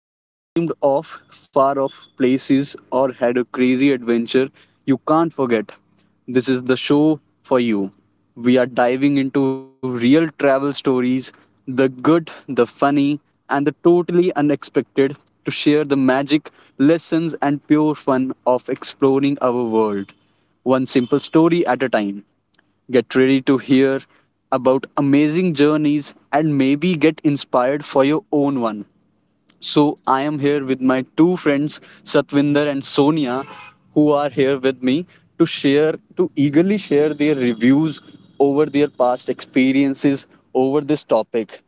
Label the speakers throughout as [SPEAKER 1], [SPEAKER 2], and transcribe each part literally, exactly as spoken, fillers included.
[SPEAKER 1] Ever dreamed of far off places or had a crazy adventure you can't forget? This is the show for you. We are diving into real travel stories, the good, the funny, and the totally unexpected to share the magic, lessons, and pure fun of exploring our world, one simple story at a time. Get ready to hear about amazing journeys and maybe get inspired for your own one. So, I am here with my two friends, Satvinder and Sonia, who are here with me to share, to eagerly share their reviews over their past experiences over this topic.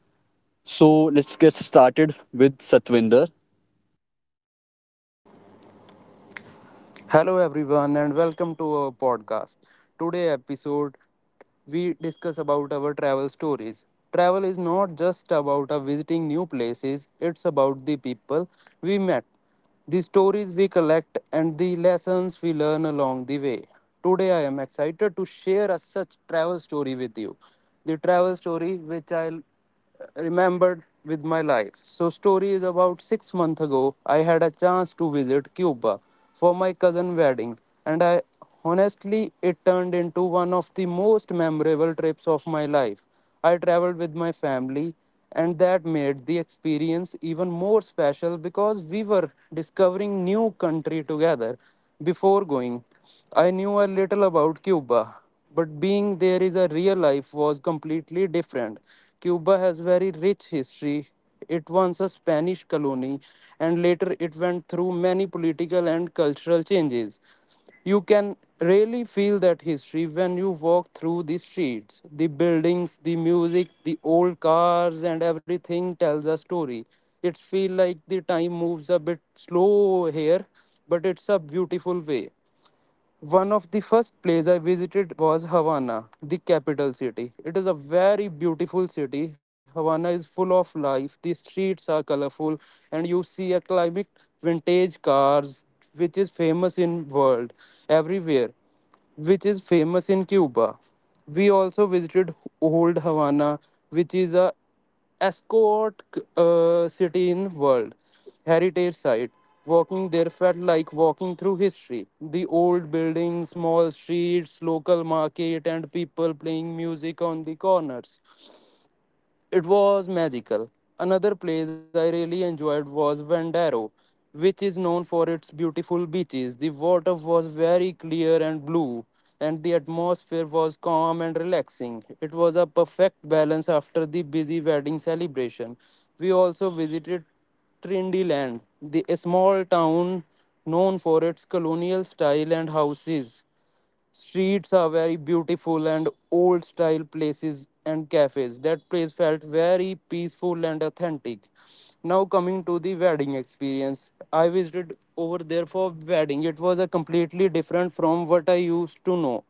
[SPEAKER 1] So, let's get started with Satvinder.
[SPEAKER 2] Hello everyone and welcome to our podcast. Today episode we discuss about our travel stories. Travel is not just about uh, visiting new places, it's about the people we met, the stories we collect and the lessons we learn along the way. Today I am excited to share a such travel story with you. The travel story which I remembered with my life. So story is about six months ago I had a chance to visit Cuba for my cousin wedding and I honestly it turned into one of the most memorable trips of my life. I traveled with my family and that made the experience even more special because we were discovering new country together before going. I knew a little about Cuba, but being there is a real life was completely different. Cuba has very rich history. It once a Spanish colony and later it went through many political and cultural changes. You can really feel that history when you walk through the streets. The buildings, the music, the old cars and everything tells a story. It feels like the time moves a bit slow here, but it's a beautiful way. One of the first places I visited was Havana, the capital city. It is a very beautiful city. Havana is full of life. The streets are colorful and you see a climate vintage cars which is famous in world everywhere which is famous in Cuba. We also visited Old Havana which is a Ascot uh, City in World Heritage Site. Walking there felt like walking through history. The old buildings, small streets, local market, and people playing music on the corners. It was magical. Another place I really enjoyed was Vendaro, which is known for its beautiful beaches. The water was very clear and blue, and the atmosphere was calm and relaxing. It was a perfect balance after the busy wedding celebration. We also visited Trindeland, the a small town known for its colonial style and houses. Streets are very beautiful and old style places and cafes. That place felt very peaceful and authentic. Now coming to the wedding experience. I visited over there for wedding. It was a completely different from what I used to know.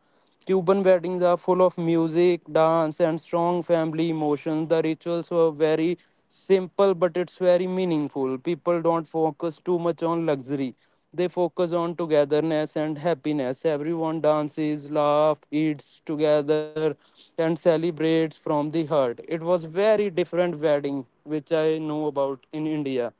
[SPEAKER 2] Cuban weddings are full of music, dance, and strong family emotions. The rituals were very simple, but it's very meaningful. People don't focus too much on luxury, they focus on togetherness and happiness. Everyone dances, laughs, eats together, and celebrates from the heart. It was very different wedding which I know about in India.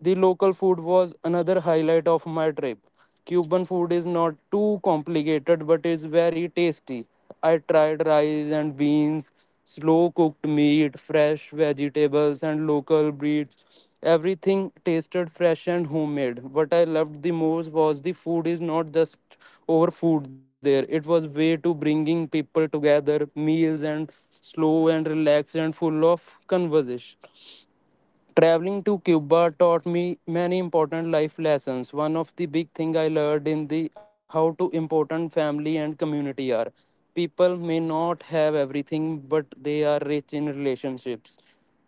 [SPEAKER 2] The local food was another highlight of my trip. Cuban food is not too complicated but it's very tasty. I tried rice and beans, slow cooked meat, fresh vegetables, and local breeds. Everything tasted fresh and homemade. What I loved the most was the food is not just over food there. It was way to bringing people together, meals and slow and relaxed and full of conversation. Traveling to Cuba taught me many important life lessons. One of the big thing I learned in the how to important family and community are. People may not have everything, but they are rich in relationships.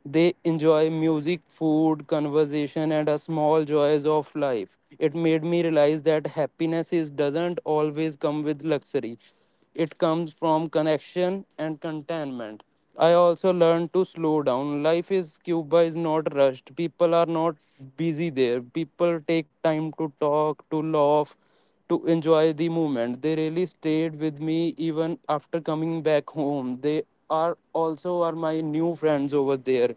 [SPEAKER 2] They enjoy music, food, conversation, and a small joys of life. It made me realize that happiness is doesn't always come with luxury. It comes from connection and contentment. I also learned to slow down. Life is Cuba is not rushed. People are not busy there. People take time to talk, to laugh, to enjoy the moment. They really stayed with me even after coming back home. They are also are my new friends over there.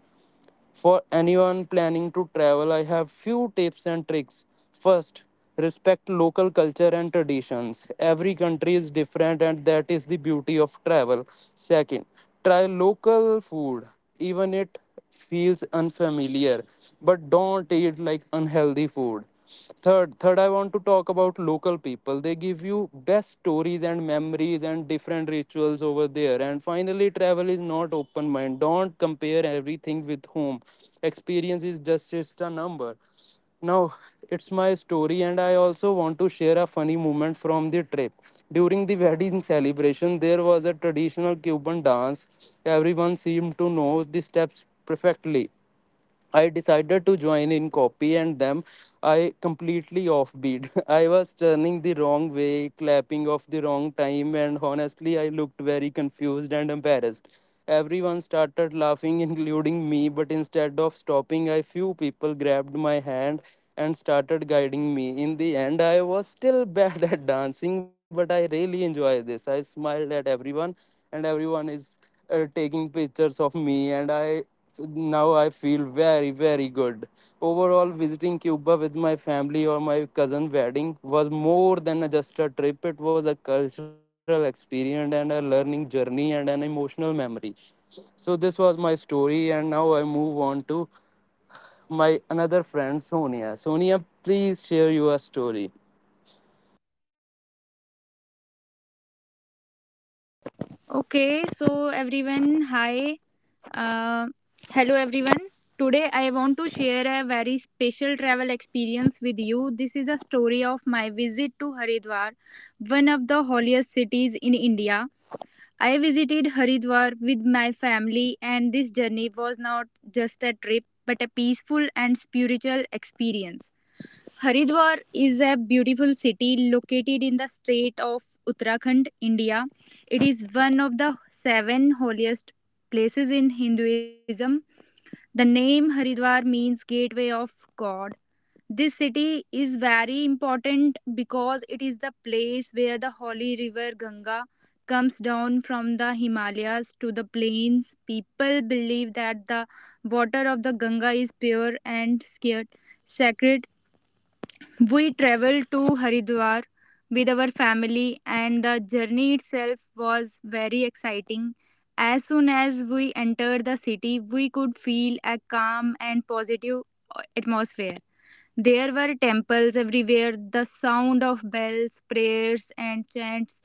[SPEAKER 2] For anyone planning to travel, I have few tips and tricks. First, respect local culture and traditions. Every country is different and that is the beauty of travel. Second, try local food even it feels unfamiliar, but don't eat like unhealthy food. Third, third, I want to talk about local people. They give you best stories and memories and different rituals over there. And finally, travel is not open mind. Don't compare everything with home. Experience is just, just a number. Now, it's my story, and I also want to share a funny moment from the trip. During the wedding celebration, there was a traditional Cuban dance. Everyone seemed to know the steps perfectly. I decided to join in copy and them I completely offbeat. I was turning the wrong way, clapping off the wrong time, and honestly, I looked very confused and embarrassed. Everyone started laughing, including me, but instead of stopping, a few people grabbed my hand and started guiding me. In the end, I was still bad at dancing, but I really enjoy this. I smiled at everyone, and everyone is uh, taking pictures of me and I now I feel very very good. Overall visiting Cuba with my family or my cousin wedding was more than just a trip. It was a cultural experience and a learning journey and an emotional memory. So this was my story and now I move on to my another friend Sonia. Sonia, please share your story.
[SPEAKER 3] Okay, so everyone, hi. Uh, Hello, everyone. Today, I want to share a very special travel experience with you. This is a story of my visit to Haridwar, one of the holiest cities in India. I visited Haridwar with my family, and this journey was not just a trip but a peaceful and spiritual experience. Haridwar is a beautiful city located in the state of Uttarakhand, India. It is one of the seven holiest places in Hinduism. The name Haridwar means gateway of God. This city is very important because it is the place where the holy river Ganga comes down from the Himalayas to the plains. People believe that the water of the Ganga is pure and sacred. We traveled to Haridwar with our family, and the journey itself was very exciting. As soon as we entered the city, we could feel a calm and positive atmosphere. There were temples everywhere, the sound of bells, prayers, and chants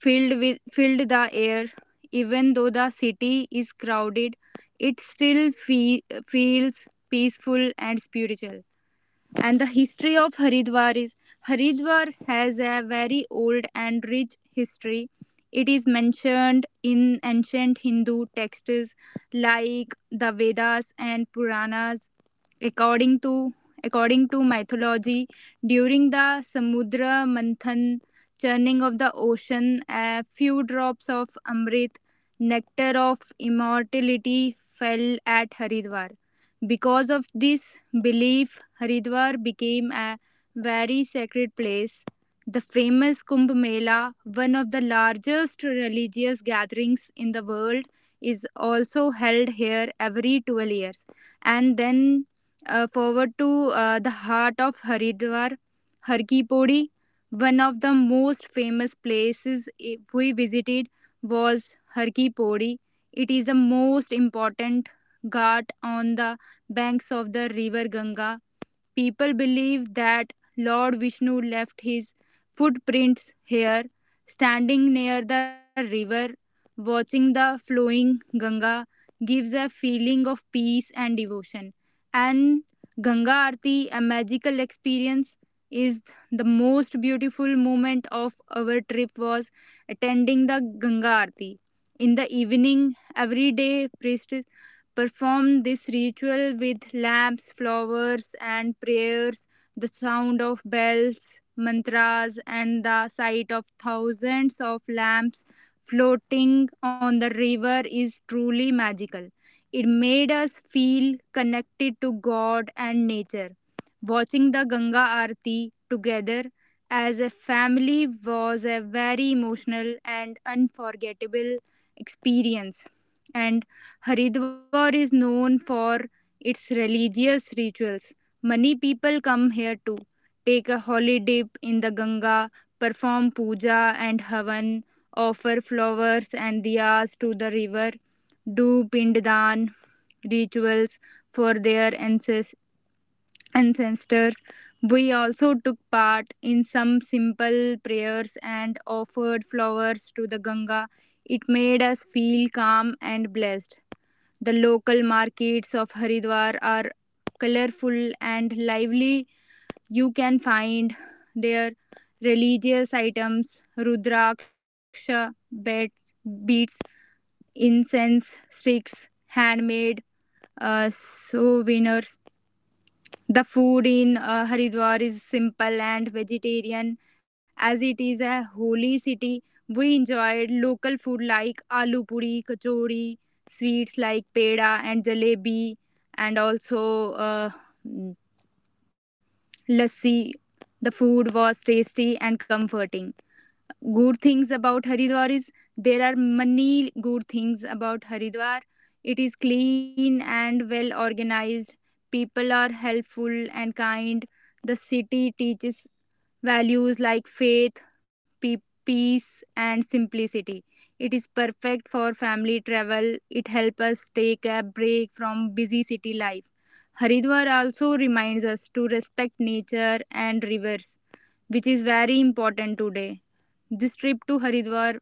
[SPEAKER 3] filled, with, filled the air. Even though the city is crowded, it still fe- feels peaceful and spiritual. And the history of Haridwar is, Haridwar has a very old and rich history. It is mentioned in ancient Hindu texts like the Vedas and Puranas. According to according to mythology, during the Samudra Manthan churning of the ocean, a few drops of Amrit, nectar of immortality, fell at Haridwar. Because of this belief, Haridwar became a very sacred place. The famous Kumbh Mela, one of the largest religious gatherings in the world, is also held here every twelve years. And then, uh, forward to uh, the heart of Haridwar, Har Ki Pauri. One of the most famous places we visited was Har Ki Pauri. It is the most important ghat on the banks of the river Ganga. People believe that Lord Vishnu left his footprints here. Standing near the river, watching the flowing Ganga gives a feeling of peace and devotion. And Ganga Aarti, a magical experience, is, the most beautiful moment of our trip was attending the Ganga Aarti. In the evening, every day priest perform this ritual with lamps, flowers, and prayers. The sound of bells, mantras, and the sight of thousands of lamps floating on the river is truly magical. It made us feel connected to God and nature. Watching the Ganga Aarti together as a family was a very emotional and unforgettable experience. And Haridwar is known for its religious rituals. Many people come here to take a holy dip in the Ganga, perform puja and havan, offer flowers and diyas to the river, do pinddan rituals for their ancestors. We also took part in some simple prayers and offered flowers to the Ganga. It made us feel calm and blessed. The local markets of Haridwar are colorful and lively. You can find their religious items, Rudraksha beads, incense sticks, handmade uh, souvenirs. The food in uh, Haridwar is simple and vegetarian. As it is a holy city, we enjoyed local food like aloo puri, kachori, sweets like peda and jalebi, and also uh, mm, lassi. The food was tasty and comforting. Good things about Haridwar is, there are many good things about Haridwar. It is clean and well organized. People are helpful and kind. The city teaches values like faith, pe- peace, and simplicity. It is perfect for family travel. It helps us take a break from busy city life. Haridwar also reminds us to respect nature and rivers, which is very important today. This trip to Haridwar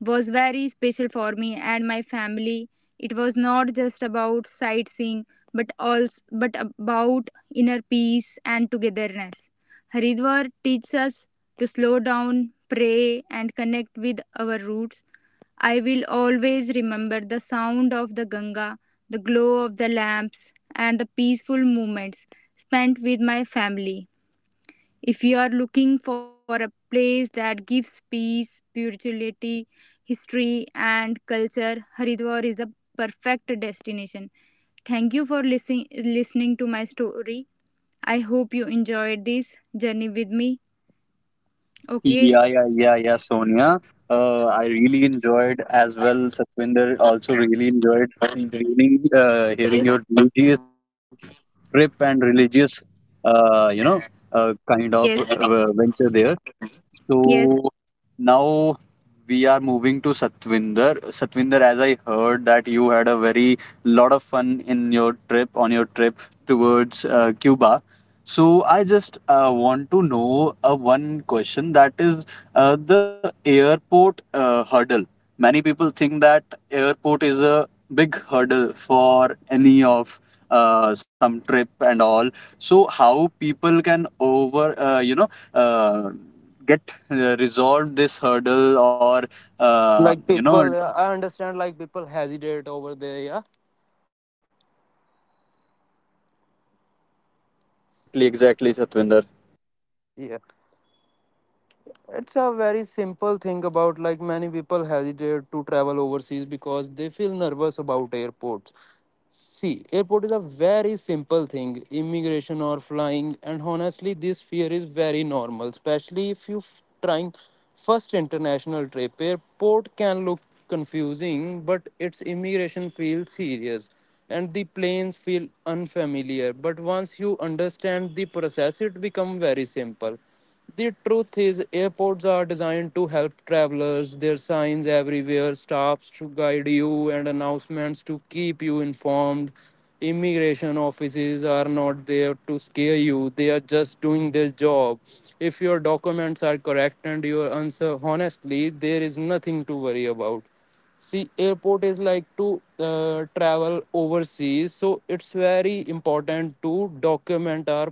[SPEAKER 3] was very special for me and my family. It was not just about sightseeing but also but about inner peace and togetherness. Haridwar teaches us to slow down, pray and connect with our roots. I will always remember the sound of the Ganga, the glow of the lamps and the peaceful moments spent with my family. If you are looking for a place that gives peace, spirituality, history, and culture, Haridwar is the perfect destination. Thank you for listening listening to my story. I hope you enjoyed this journey with me. Okay,
[SPEAKER 1] Yeah,
[SPEAKER 3] so
[SPEAKER 1] yeah, yeah, yeah, Sonia. Uh, I really enjoyed as well. Satvinder also really enjoyed really, uh, hearing
[SPEAKER 3] yes,
[SPEAKER 1] your religious trip and religious, uh, you know, uh, kind of
[SPEAKER 3] yes,
[SPEAKER 1] uh, venture there.
[SPEAKER 3] yes,
[SPEAKER 1] So now we are moving to Satvinder. Satvinder, as I heard that you had a very lot of fun in your trip on your trip towards uh, Cuba. So I just uh, want to know uh, one question, that is uh, the airport uh, hurdle. Many people think that airport is a big hurdle for any of uh, some trip and all. So how people can over uh, you know uh, get uh, resolved this hurdle or uh,
[SPEAKER 2] Like
[SPEAKER 1] you know
[SPEAKER 2] people, uh, I understand like people hesitate over there, yeah.
[SPEAKER 1] exact, exactly exactly, Satvinder.
[SPEAKER 2] Yeah, it's a very simple thing about like many people hesitate to travel overseas because they feel nervous about airports. See, airport is a very simple thing, immigration or flying, and honestly, this fear is very normal, especially if you f- trying first international trip. Airport can look confusing, but its immigration feels serious and the planes feel unfamiliar. But once you understand the process, it become very simple. The truth is, airports are designed to help travelers. There are signs everywhere, stops to guide you, and announcements to keep you informed. Immigration offices are not there to scare you, they are just doing their job. If your documents are correct and your answer honestly, there is nothing to worry about. See airport is like to uh, travel overseas, so it's very important to document our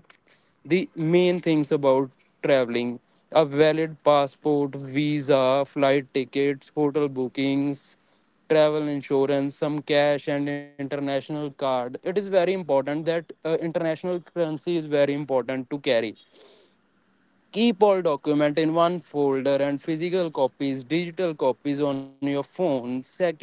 [SPEAKER 2] the main things about traveling: a valid passport, visa, flight tickets, hotel bookings, travel insurance, some cash and international card. It is very important that uh, international currency is very important to carry. Keep all documents in one folder and physical copies, digital copies on your phone. Second,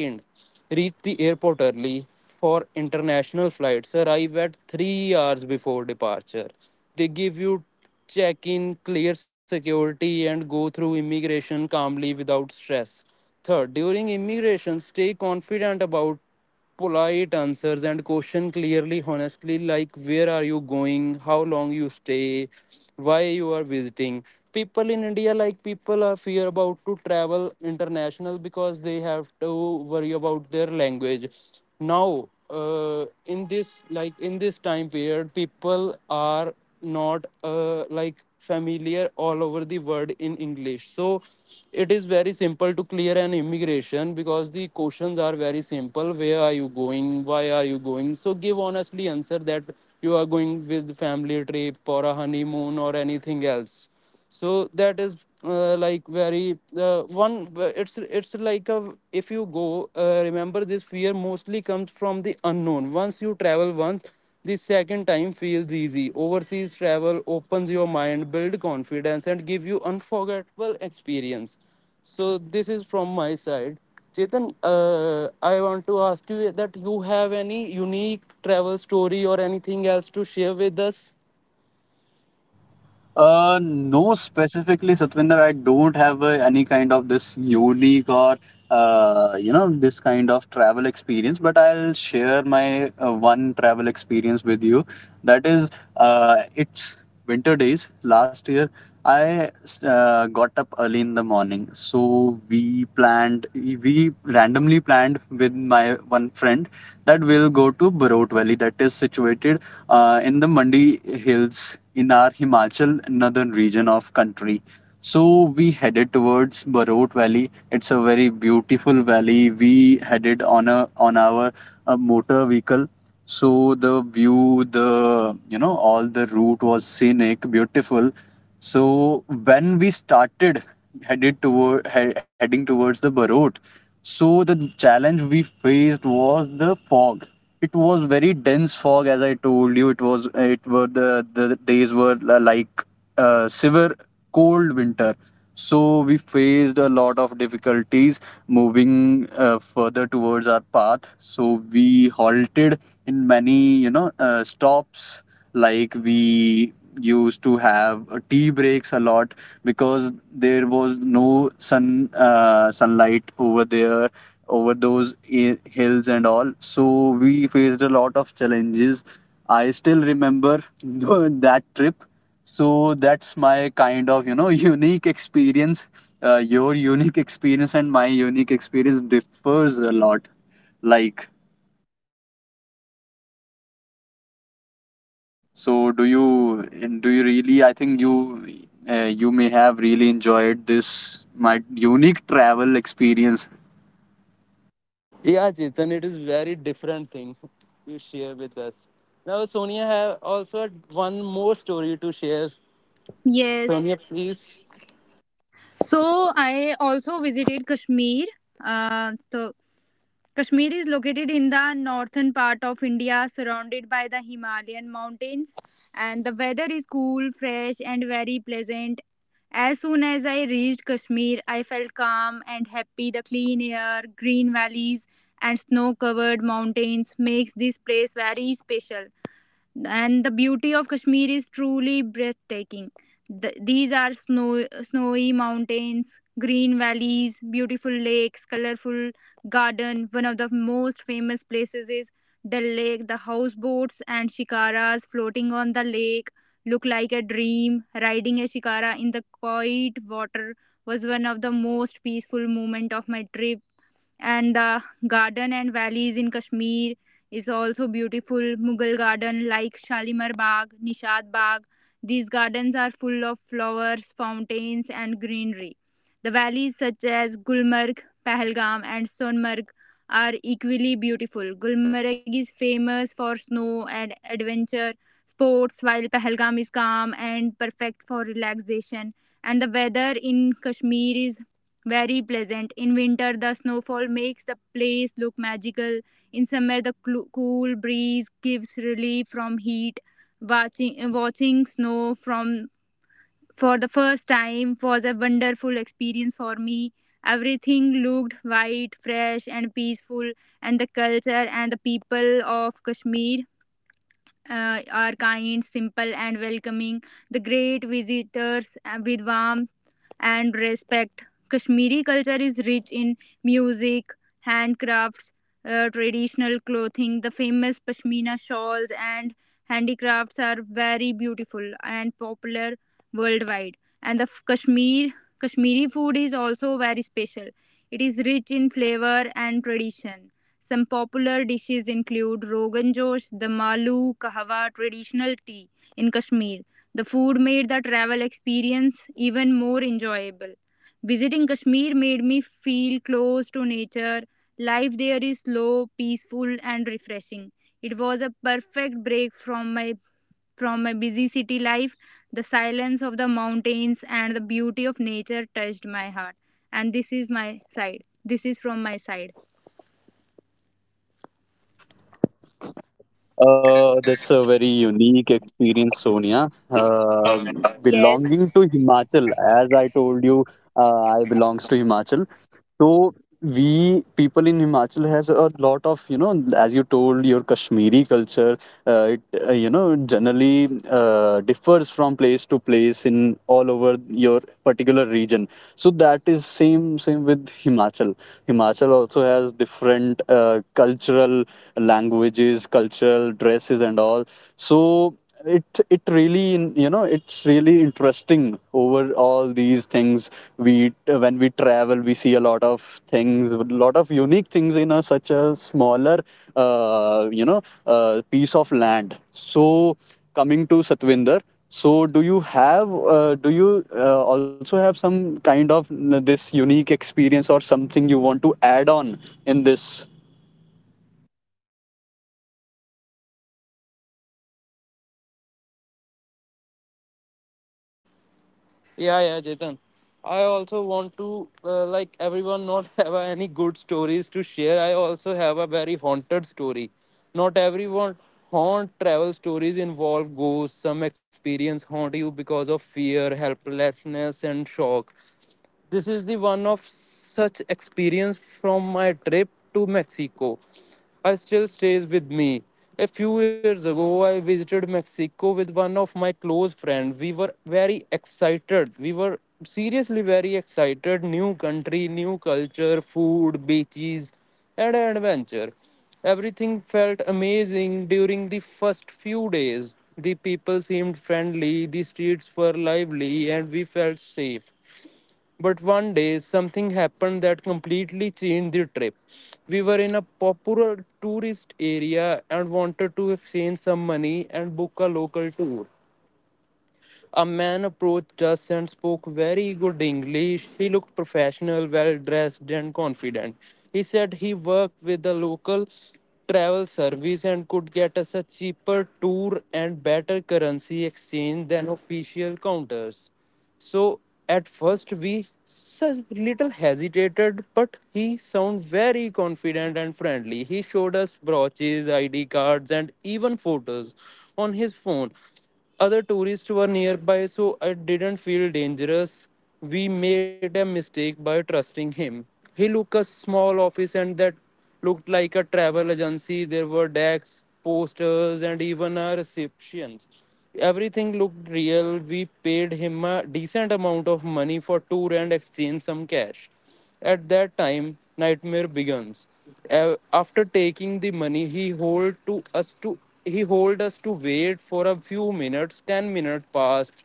[SPEAKER 2] reach the airport early for international flights. Arrive at three hours before departure. They give you check in, clear security, and go through immigration calmly without stress. Third, during immigration, stay confident about polite answers and question clearly honestly, like where are you going, how long you stay, why you are visiting. People in India, like people are fear about to travel international because they have to worry about their language. Now, uh, in this like in this time period people are not uh, like familiar all over the world in English, so it is very simple to clear an immigration because the questions are very simple: where are you going, why are you going, so give honestly answer that you are going with family trip or a honeymoon or anything else. So that is uh, like very uh, one, it's it's like a if you go uh, remember this fear mostly comes from the unknown. Once you travel once, the second time feels easy. Overseas travel opens your mind, build confidence and give you unforgettable experience. So this is from my side. Chetan, uh, I want to ask you that you have any unique travel story or anything else to share with us.
[SPEAKER 1] uh no, specifically, Satvinder, I don't have uh, any kind of this unique or uh, you know this kind of travel experience, but I'll share my uh, one travel experience with you. That is uh, it's winter days last year. I uh, got up early in the morning, so we planned, we randomly planned with my one friend that we'll go to Barot Valley, that is situated uh, in the Mandi Hills in our Himachal, northern region of country. So we headed towards Barot Valley. It's a very beautiful valley. We headed on a on our uh, motor vehicle. So the view, the you know, all the route was scenic, beautiful. So when we started headed toward he- heading towards the Barot, so the challenge we faced was the fog. It was very dense fog, as I told you. It was it were the the days were li- like uh, severe cold winter. So we faced a lot of difficulties moving uh, further towards our path. So we halted in many you know uh, stops, like we used to have uh, tea breaks a lot because there was no sun uh, sunlight over there over those i- hills and all. So we faced a lot of challenges. I still remember that trip. So that's my kind of you know unique experience. uh, your unique experience and my unique experience differs a lot. Like, so do you, and do you really? I think you uh, you may have really enjoyed this my unique travel experience.
[SPEAKER 2] Yeah, Chetan, it is very different thing you share with us. Now, Sonia have also one more story to share.
[SPEAKER 3] yes.
[SPEAKER 2] Sonia, please.
[SPEAKER 3] So I also visited Kashmir. Uh, so Kashmir is located in the northern part of India, surrounded by the Himalayan mountains, and the weather is cool, fresh, and very pleasant. As soon as I reached Kashmir, I felt calm and happy. The clean air, green valleys, and snow covered mountains makes this place very special, and the beauty of Kashmir is truly breathtaking. The, these are snow, snowy mountains, green valleys, beautiful lakes, colorful garden. One of the most famous places is the lake. The houseboats and shikaras floating on the lake look like a dream. Riding a shikara in the quiet water was one of the most peaceful moment of my trip. And the garden and valleys in Kashmir is also beautiful. Mughal garden like Shalimar Bagh, Nishad Bagh. These gardens are full of flowers, fountains, and greenery. The valleys such as Gulmarg, Pahalgam, and Sonmarg are equally beautiful. Gulmarg is famous for snow and adventure sports, while Pahalgam is calm and perfect for relaxation. And the weather in Kashmir is very pleasant. In winter, the snowfall makes the place look magical. In summer, the clu- cool breeze gives relief from heat. Watching watching snow from for the first time was a wonderful experience for me. Everything looked white, fresh, and peaceful, and the culture and the people of Kashmir uh, are kind, simple, and welcoming. The great visitors uh, with warm and respect. Kashmiri culture is rich in music, handcrafts, uh, traditional clothing. The famous pashmina shawls and handicrafts are very beautiful and popular worldwide. And the f- Kashmir Kashmiri food is also very special. It is rich in flavor and tradition. Some popular dishes include Rogan Josh, the Malu, Kahwa, traditional tea in Kashmir. The food made the travel experience even more enjoyable. Visiting Kashmir made me feel close to nature. Life there is slow, peaceful and refreshing. It was a perfect break from my from my busy city life. The silence of the mountains and the beauty of nature touched my heart. And this is my side. This is from my side.
[SPEAKER 1] Uh, that's a very unique experience, Sonia. Uh,
[SPEAKER 3] Yes.
[SPEAKER 1] belonging to Himachal, as I told you, uh, I belongs to Himachal. So we people in Himachal has a lot of, you know, as you told, your Kashmiri culture, uh, it uh, you know generally uh, differs from place to place in all over your particular region. So that is same same with Himachal. Himachal also has different uh, cultural languages, cultural dresses, and all. So it it really, you know, it's really interesting over all these things. We, when we travel, we see a lot of things, a lot of unique things in a, such a smaller, uh, you know uh, piece of land. So coming to Satvinder, so do you have uh, do you uh, also have some kind of this unique experience or something you want to add on in this?
[SPEAKER 2] Yeah, yeah, Chetan. I also want to, uh, like everyone, not have any good stories to share. I also have a very haunted story. Not everyone haunt travel stories involve ghosts. Some experience haunt you because of fear, helplessness, and shock. This is the one of such experience from my trip to Mexico. I still stays with me. A few years ago, I visited Mexico with one of my close friends. We were very excited. We were seriously very excited. New country, new culture, food, beaches, and adventure. Everything felt amazing during the first few days. The people seemed friendly, the streets were lively, and we felt safe. But one day, something happened that completely changed the trip. We were in a popular tourist area and wanted to exchange some money and book a local tour. A man approached us and spoke very good English. He looked professional, well dressed, and confident. He said he worked with a local travel service and could get us a cheaper tour and better currency exchange than official counters. So at first we s- little hesitated, but he sounded very confident and friendly. He showed us brooches, I D cards, and even photos on his phone. Other tourists were nearby, so I didn't feel dangerous. We made a mistake by trusting him. He looked a small office and that looked like a travel agency. There were decks, posters, and even a reception. Everything looked real. We paid him a decent amount of money for tour and exchanged some cash. At that time, nightmare begins. A- After taking the money, he hold to us to he hold us to wait for a few minutes. Ten minutes passed,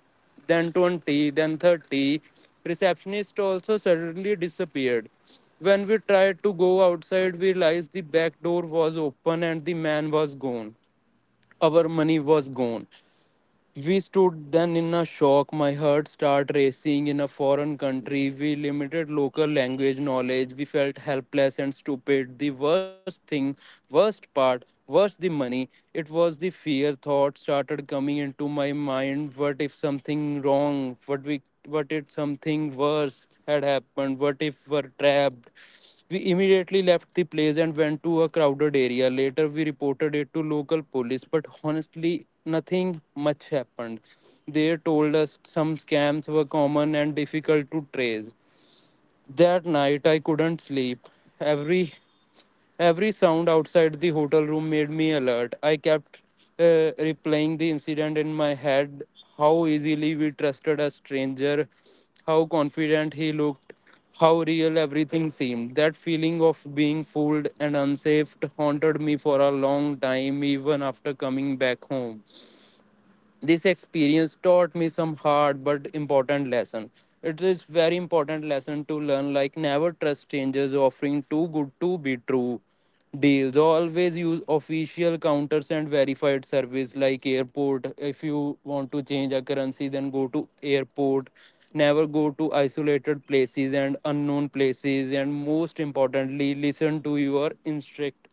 [SPEAKER 2] then twenty, then thirty. Receptionist also suddenly disappeared. When we tried to go outside, we realized the back door was open and the man was gone. Our money was gone. We stood then in a shock. My heart started racing in a foreign country. We limited local language knowledge. We felt helpless and stupid. The worst thing, worst part, worst the money. It was the fear. Thoughts started coming into my mind. What if something wrong? What we what if something worse had happened? What if we're trapped? We immediately left the place and went to a crowded area. Later, we reported it to local police, but honestly, nothing much happened. They told us some scams were common and difficult to trace. That night I couldn't sleep. Every every sound outside the hotel room made me alert. I kept uh, replaying the incident in my head, how easily we trusted a stranger, how confident he looked, how real everything seemed. That feeling of being fooled and unsafe haunted me for a long time, even after coming back home. This experience taught me some hard but important lesson. It is very important lesson to learn, like never trust strangers offering too good to be true deals. Always use official counters and verified service like airport. If you want to change a currency, then go to airport. Never go to isolated places and unknown places, and most importantly, listen to your instruct.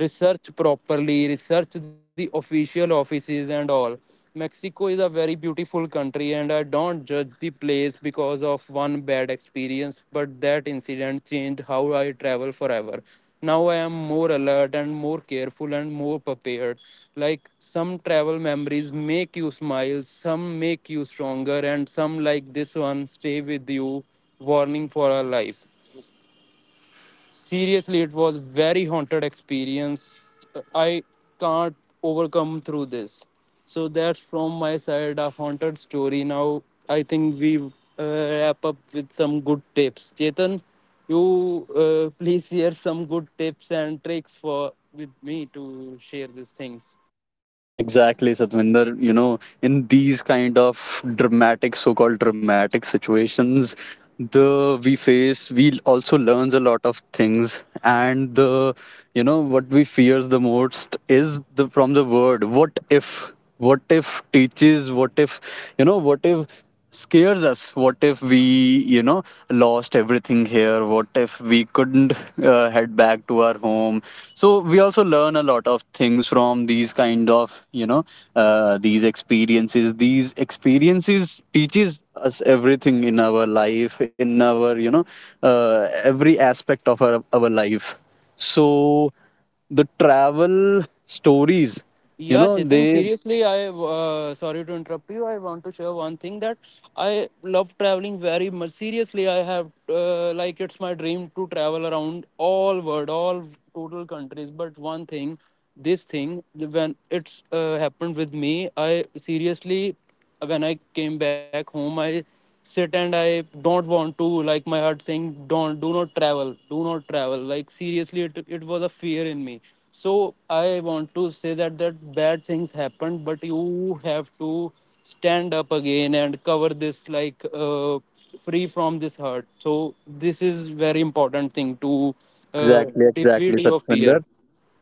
[SPEAKER 2] Research properly, research the official offices and all. Mexico is a very beautiful country, and I don't judge the place because of one bad experience, but that incident changed how I travel forever. Now I am more alert and more careful and more prepared. Like some travel memories make you smile, some make you stronger, and some, like this one, stay with you, warning for our life. Seriously, it was very haunted experience. I can't overcome through this. So that's from my side, a haunted story. Now I think we uh, wrap up with some good tips, Chetan. You uh, please share some good tips and tricks for, with me to share these things.
[SPEAKER 1] Exactly, Satvinder. You know, in these kind of dramatic, so-called dramatic situations, the we face, we also learns a lot of things, and the, you know, what we fears the most is the from the word "what if." What if teaches? What if, you know? What if scares us? What if we, you know, lost everything here? What if we couldn't uh, head back to our home? So we also learn a lot of things from these kind of, you know, uh, these experiences. These experiences teaches us everything in our life, in our, you know, uh, every aspect of our, our life. So the travel stories, you
[SPEAKER 2] Yeah,
[SPEAKER 1] know,
[SPEAKER 2] Chetan,
[SPEAKER 1] they
[SPEAKER 2] seriously, I uh, sorry to interrupt you. I want to share one thing that I love traveling very much. Seriously, I have uh, like it's my dream to travel around all world, all total countries. But one thing, this thing when it's uh, happened with me, I seriously, when I came back home, I sit, and I don't want to, like, my heart saying don't, do not travel, do not travel. Like seriously, it it was a fear in me. So I want to say that that bad things happened, but you have to stand up again and cover this, like uh, free from this hurt. So this is very important thing to uh,
[SPEAKER 1] exactly exactly,
[SPEAKER 2] defeat your
[SPEAKER 1] Satvinder.
[SPEAKER 2] fear.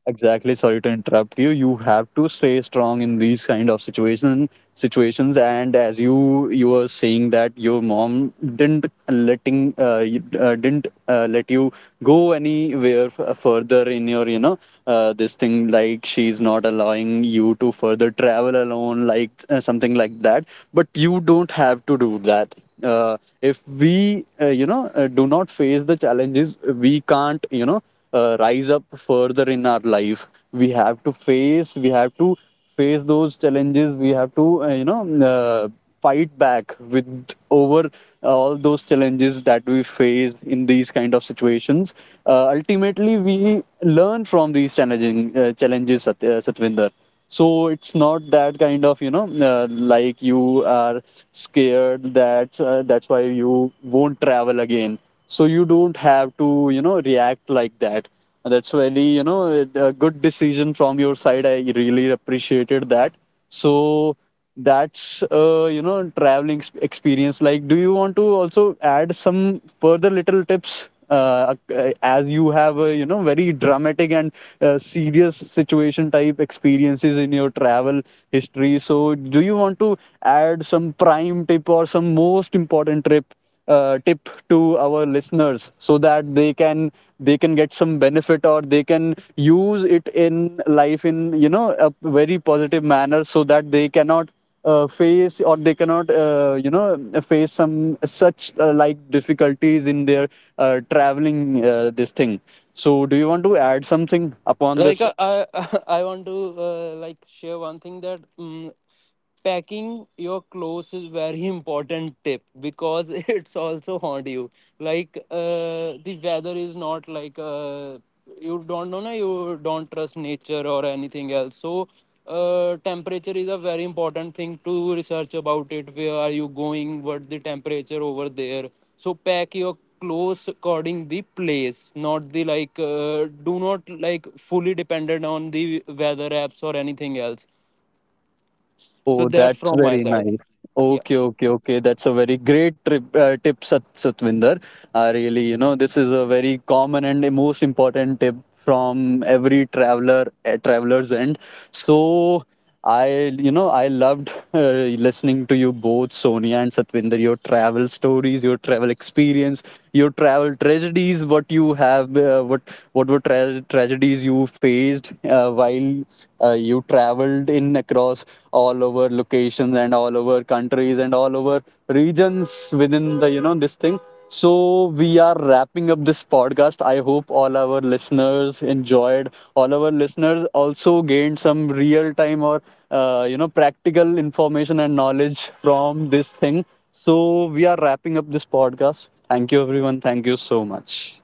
[SPEAKER 1] Exactly. Sorry to interrupt you. You have to stay strong in these kind of situation situations. And as you, you were saying that your mom didn't letting uh, you- uh, didn't uh, let you go anywhere f- further in your, you know, uh, this thing, like she's not allowing you to further travel alone, like uh, something like that. But you don't have to do that. Uh, if we uh, you know uh, do not face the challenges, we can't, you know, uh, rise up further in our life. We have to face, we have to face those challenges. We have to uh, you know uh, fight back with over all those challenges that we face in these kind of situations. uh, ultimately we learn from these challenging uh, challenges, Sat- uh, Satvinder. So it's not that kind of, you know, uh, like you are scared that uh, that's why you won't travel again. So you don't have to, you know, react like that. And that's very, you know, a good decision from your side. I really appreciated that. So that's uh, you know traveling ex- experience. Like, do you want to also add some further little tips, uh, ac- as you have a, you know, very dramatic and uh, serious situation type experiences in your travel history? So do you want to add some prime tip or some most important trip uh, tip to our listeners, so that they can, they can get some benefit or they can use it in life in, you know, a very positive manner, so that they cannot uh, face or they cannot, uh, you know face some such uh, like difficulties in their uh, traveling, uh, this thing. So do you want to add something upon
[SPEAKER 2] Like
[SPEAKER 1] this?
[SPEAKER 2] uh, I I want to uh, like share one thing that um, packing your clothes is very important tip because it's also haunt you. Like uh, the weather is not like uh, you don't know na, you don't trust nature or anything else. So uh, temperature is a very important thing to research about it, where are you going, what the temperature over there. So pack your clothes according the place, not the, like uh, do not like fully dependent on the weather apps or anything else. So
[SPEAKER 1] Oh,
[SPEAKER 2] that's
[SPEAKER 1] that's
[SPEAKER 2] from my
[SPEAKER 1] very
[SPEAKER 2] side,
[SPEAKER 1] nice.
[SPEAKER 2] yeah.
[SPEAKER 1] Okay, okay, okay. That's a very great trip, uh, tip, Sat Satvinder. Uh, really, you know, this is a very common and the most important tip from every traveler, uh, traveler's end. So, I, you know, I loved uh, listening to you both, Sonia and Satvinder, your travel stories, your travel experiences, your travel tragedies, what you have uh, what what were tra- tragedies you faced uh, while uh, you traveled in, across all over locations and all over countries and all over regions within the, you know, this thing. So we are wrapping up this podcast. I hope all our listeners enjoyed. All our listeners also gained some real time or, uh, you know, practical information and knowledge from this thing. So we are wrapping up this podcast. Thank you, everyone. Thank you so much.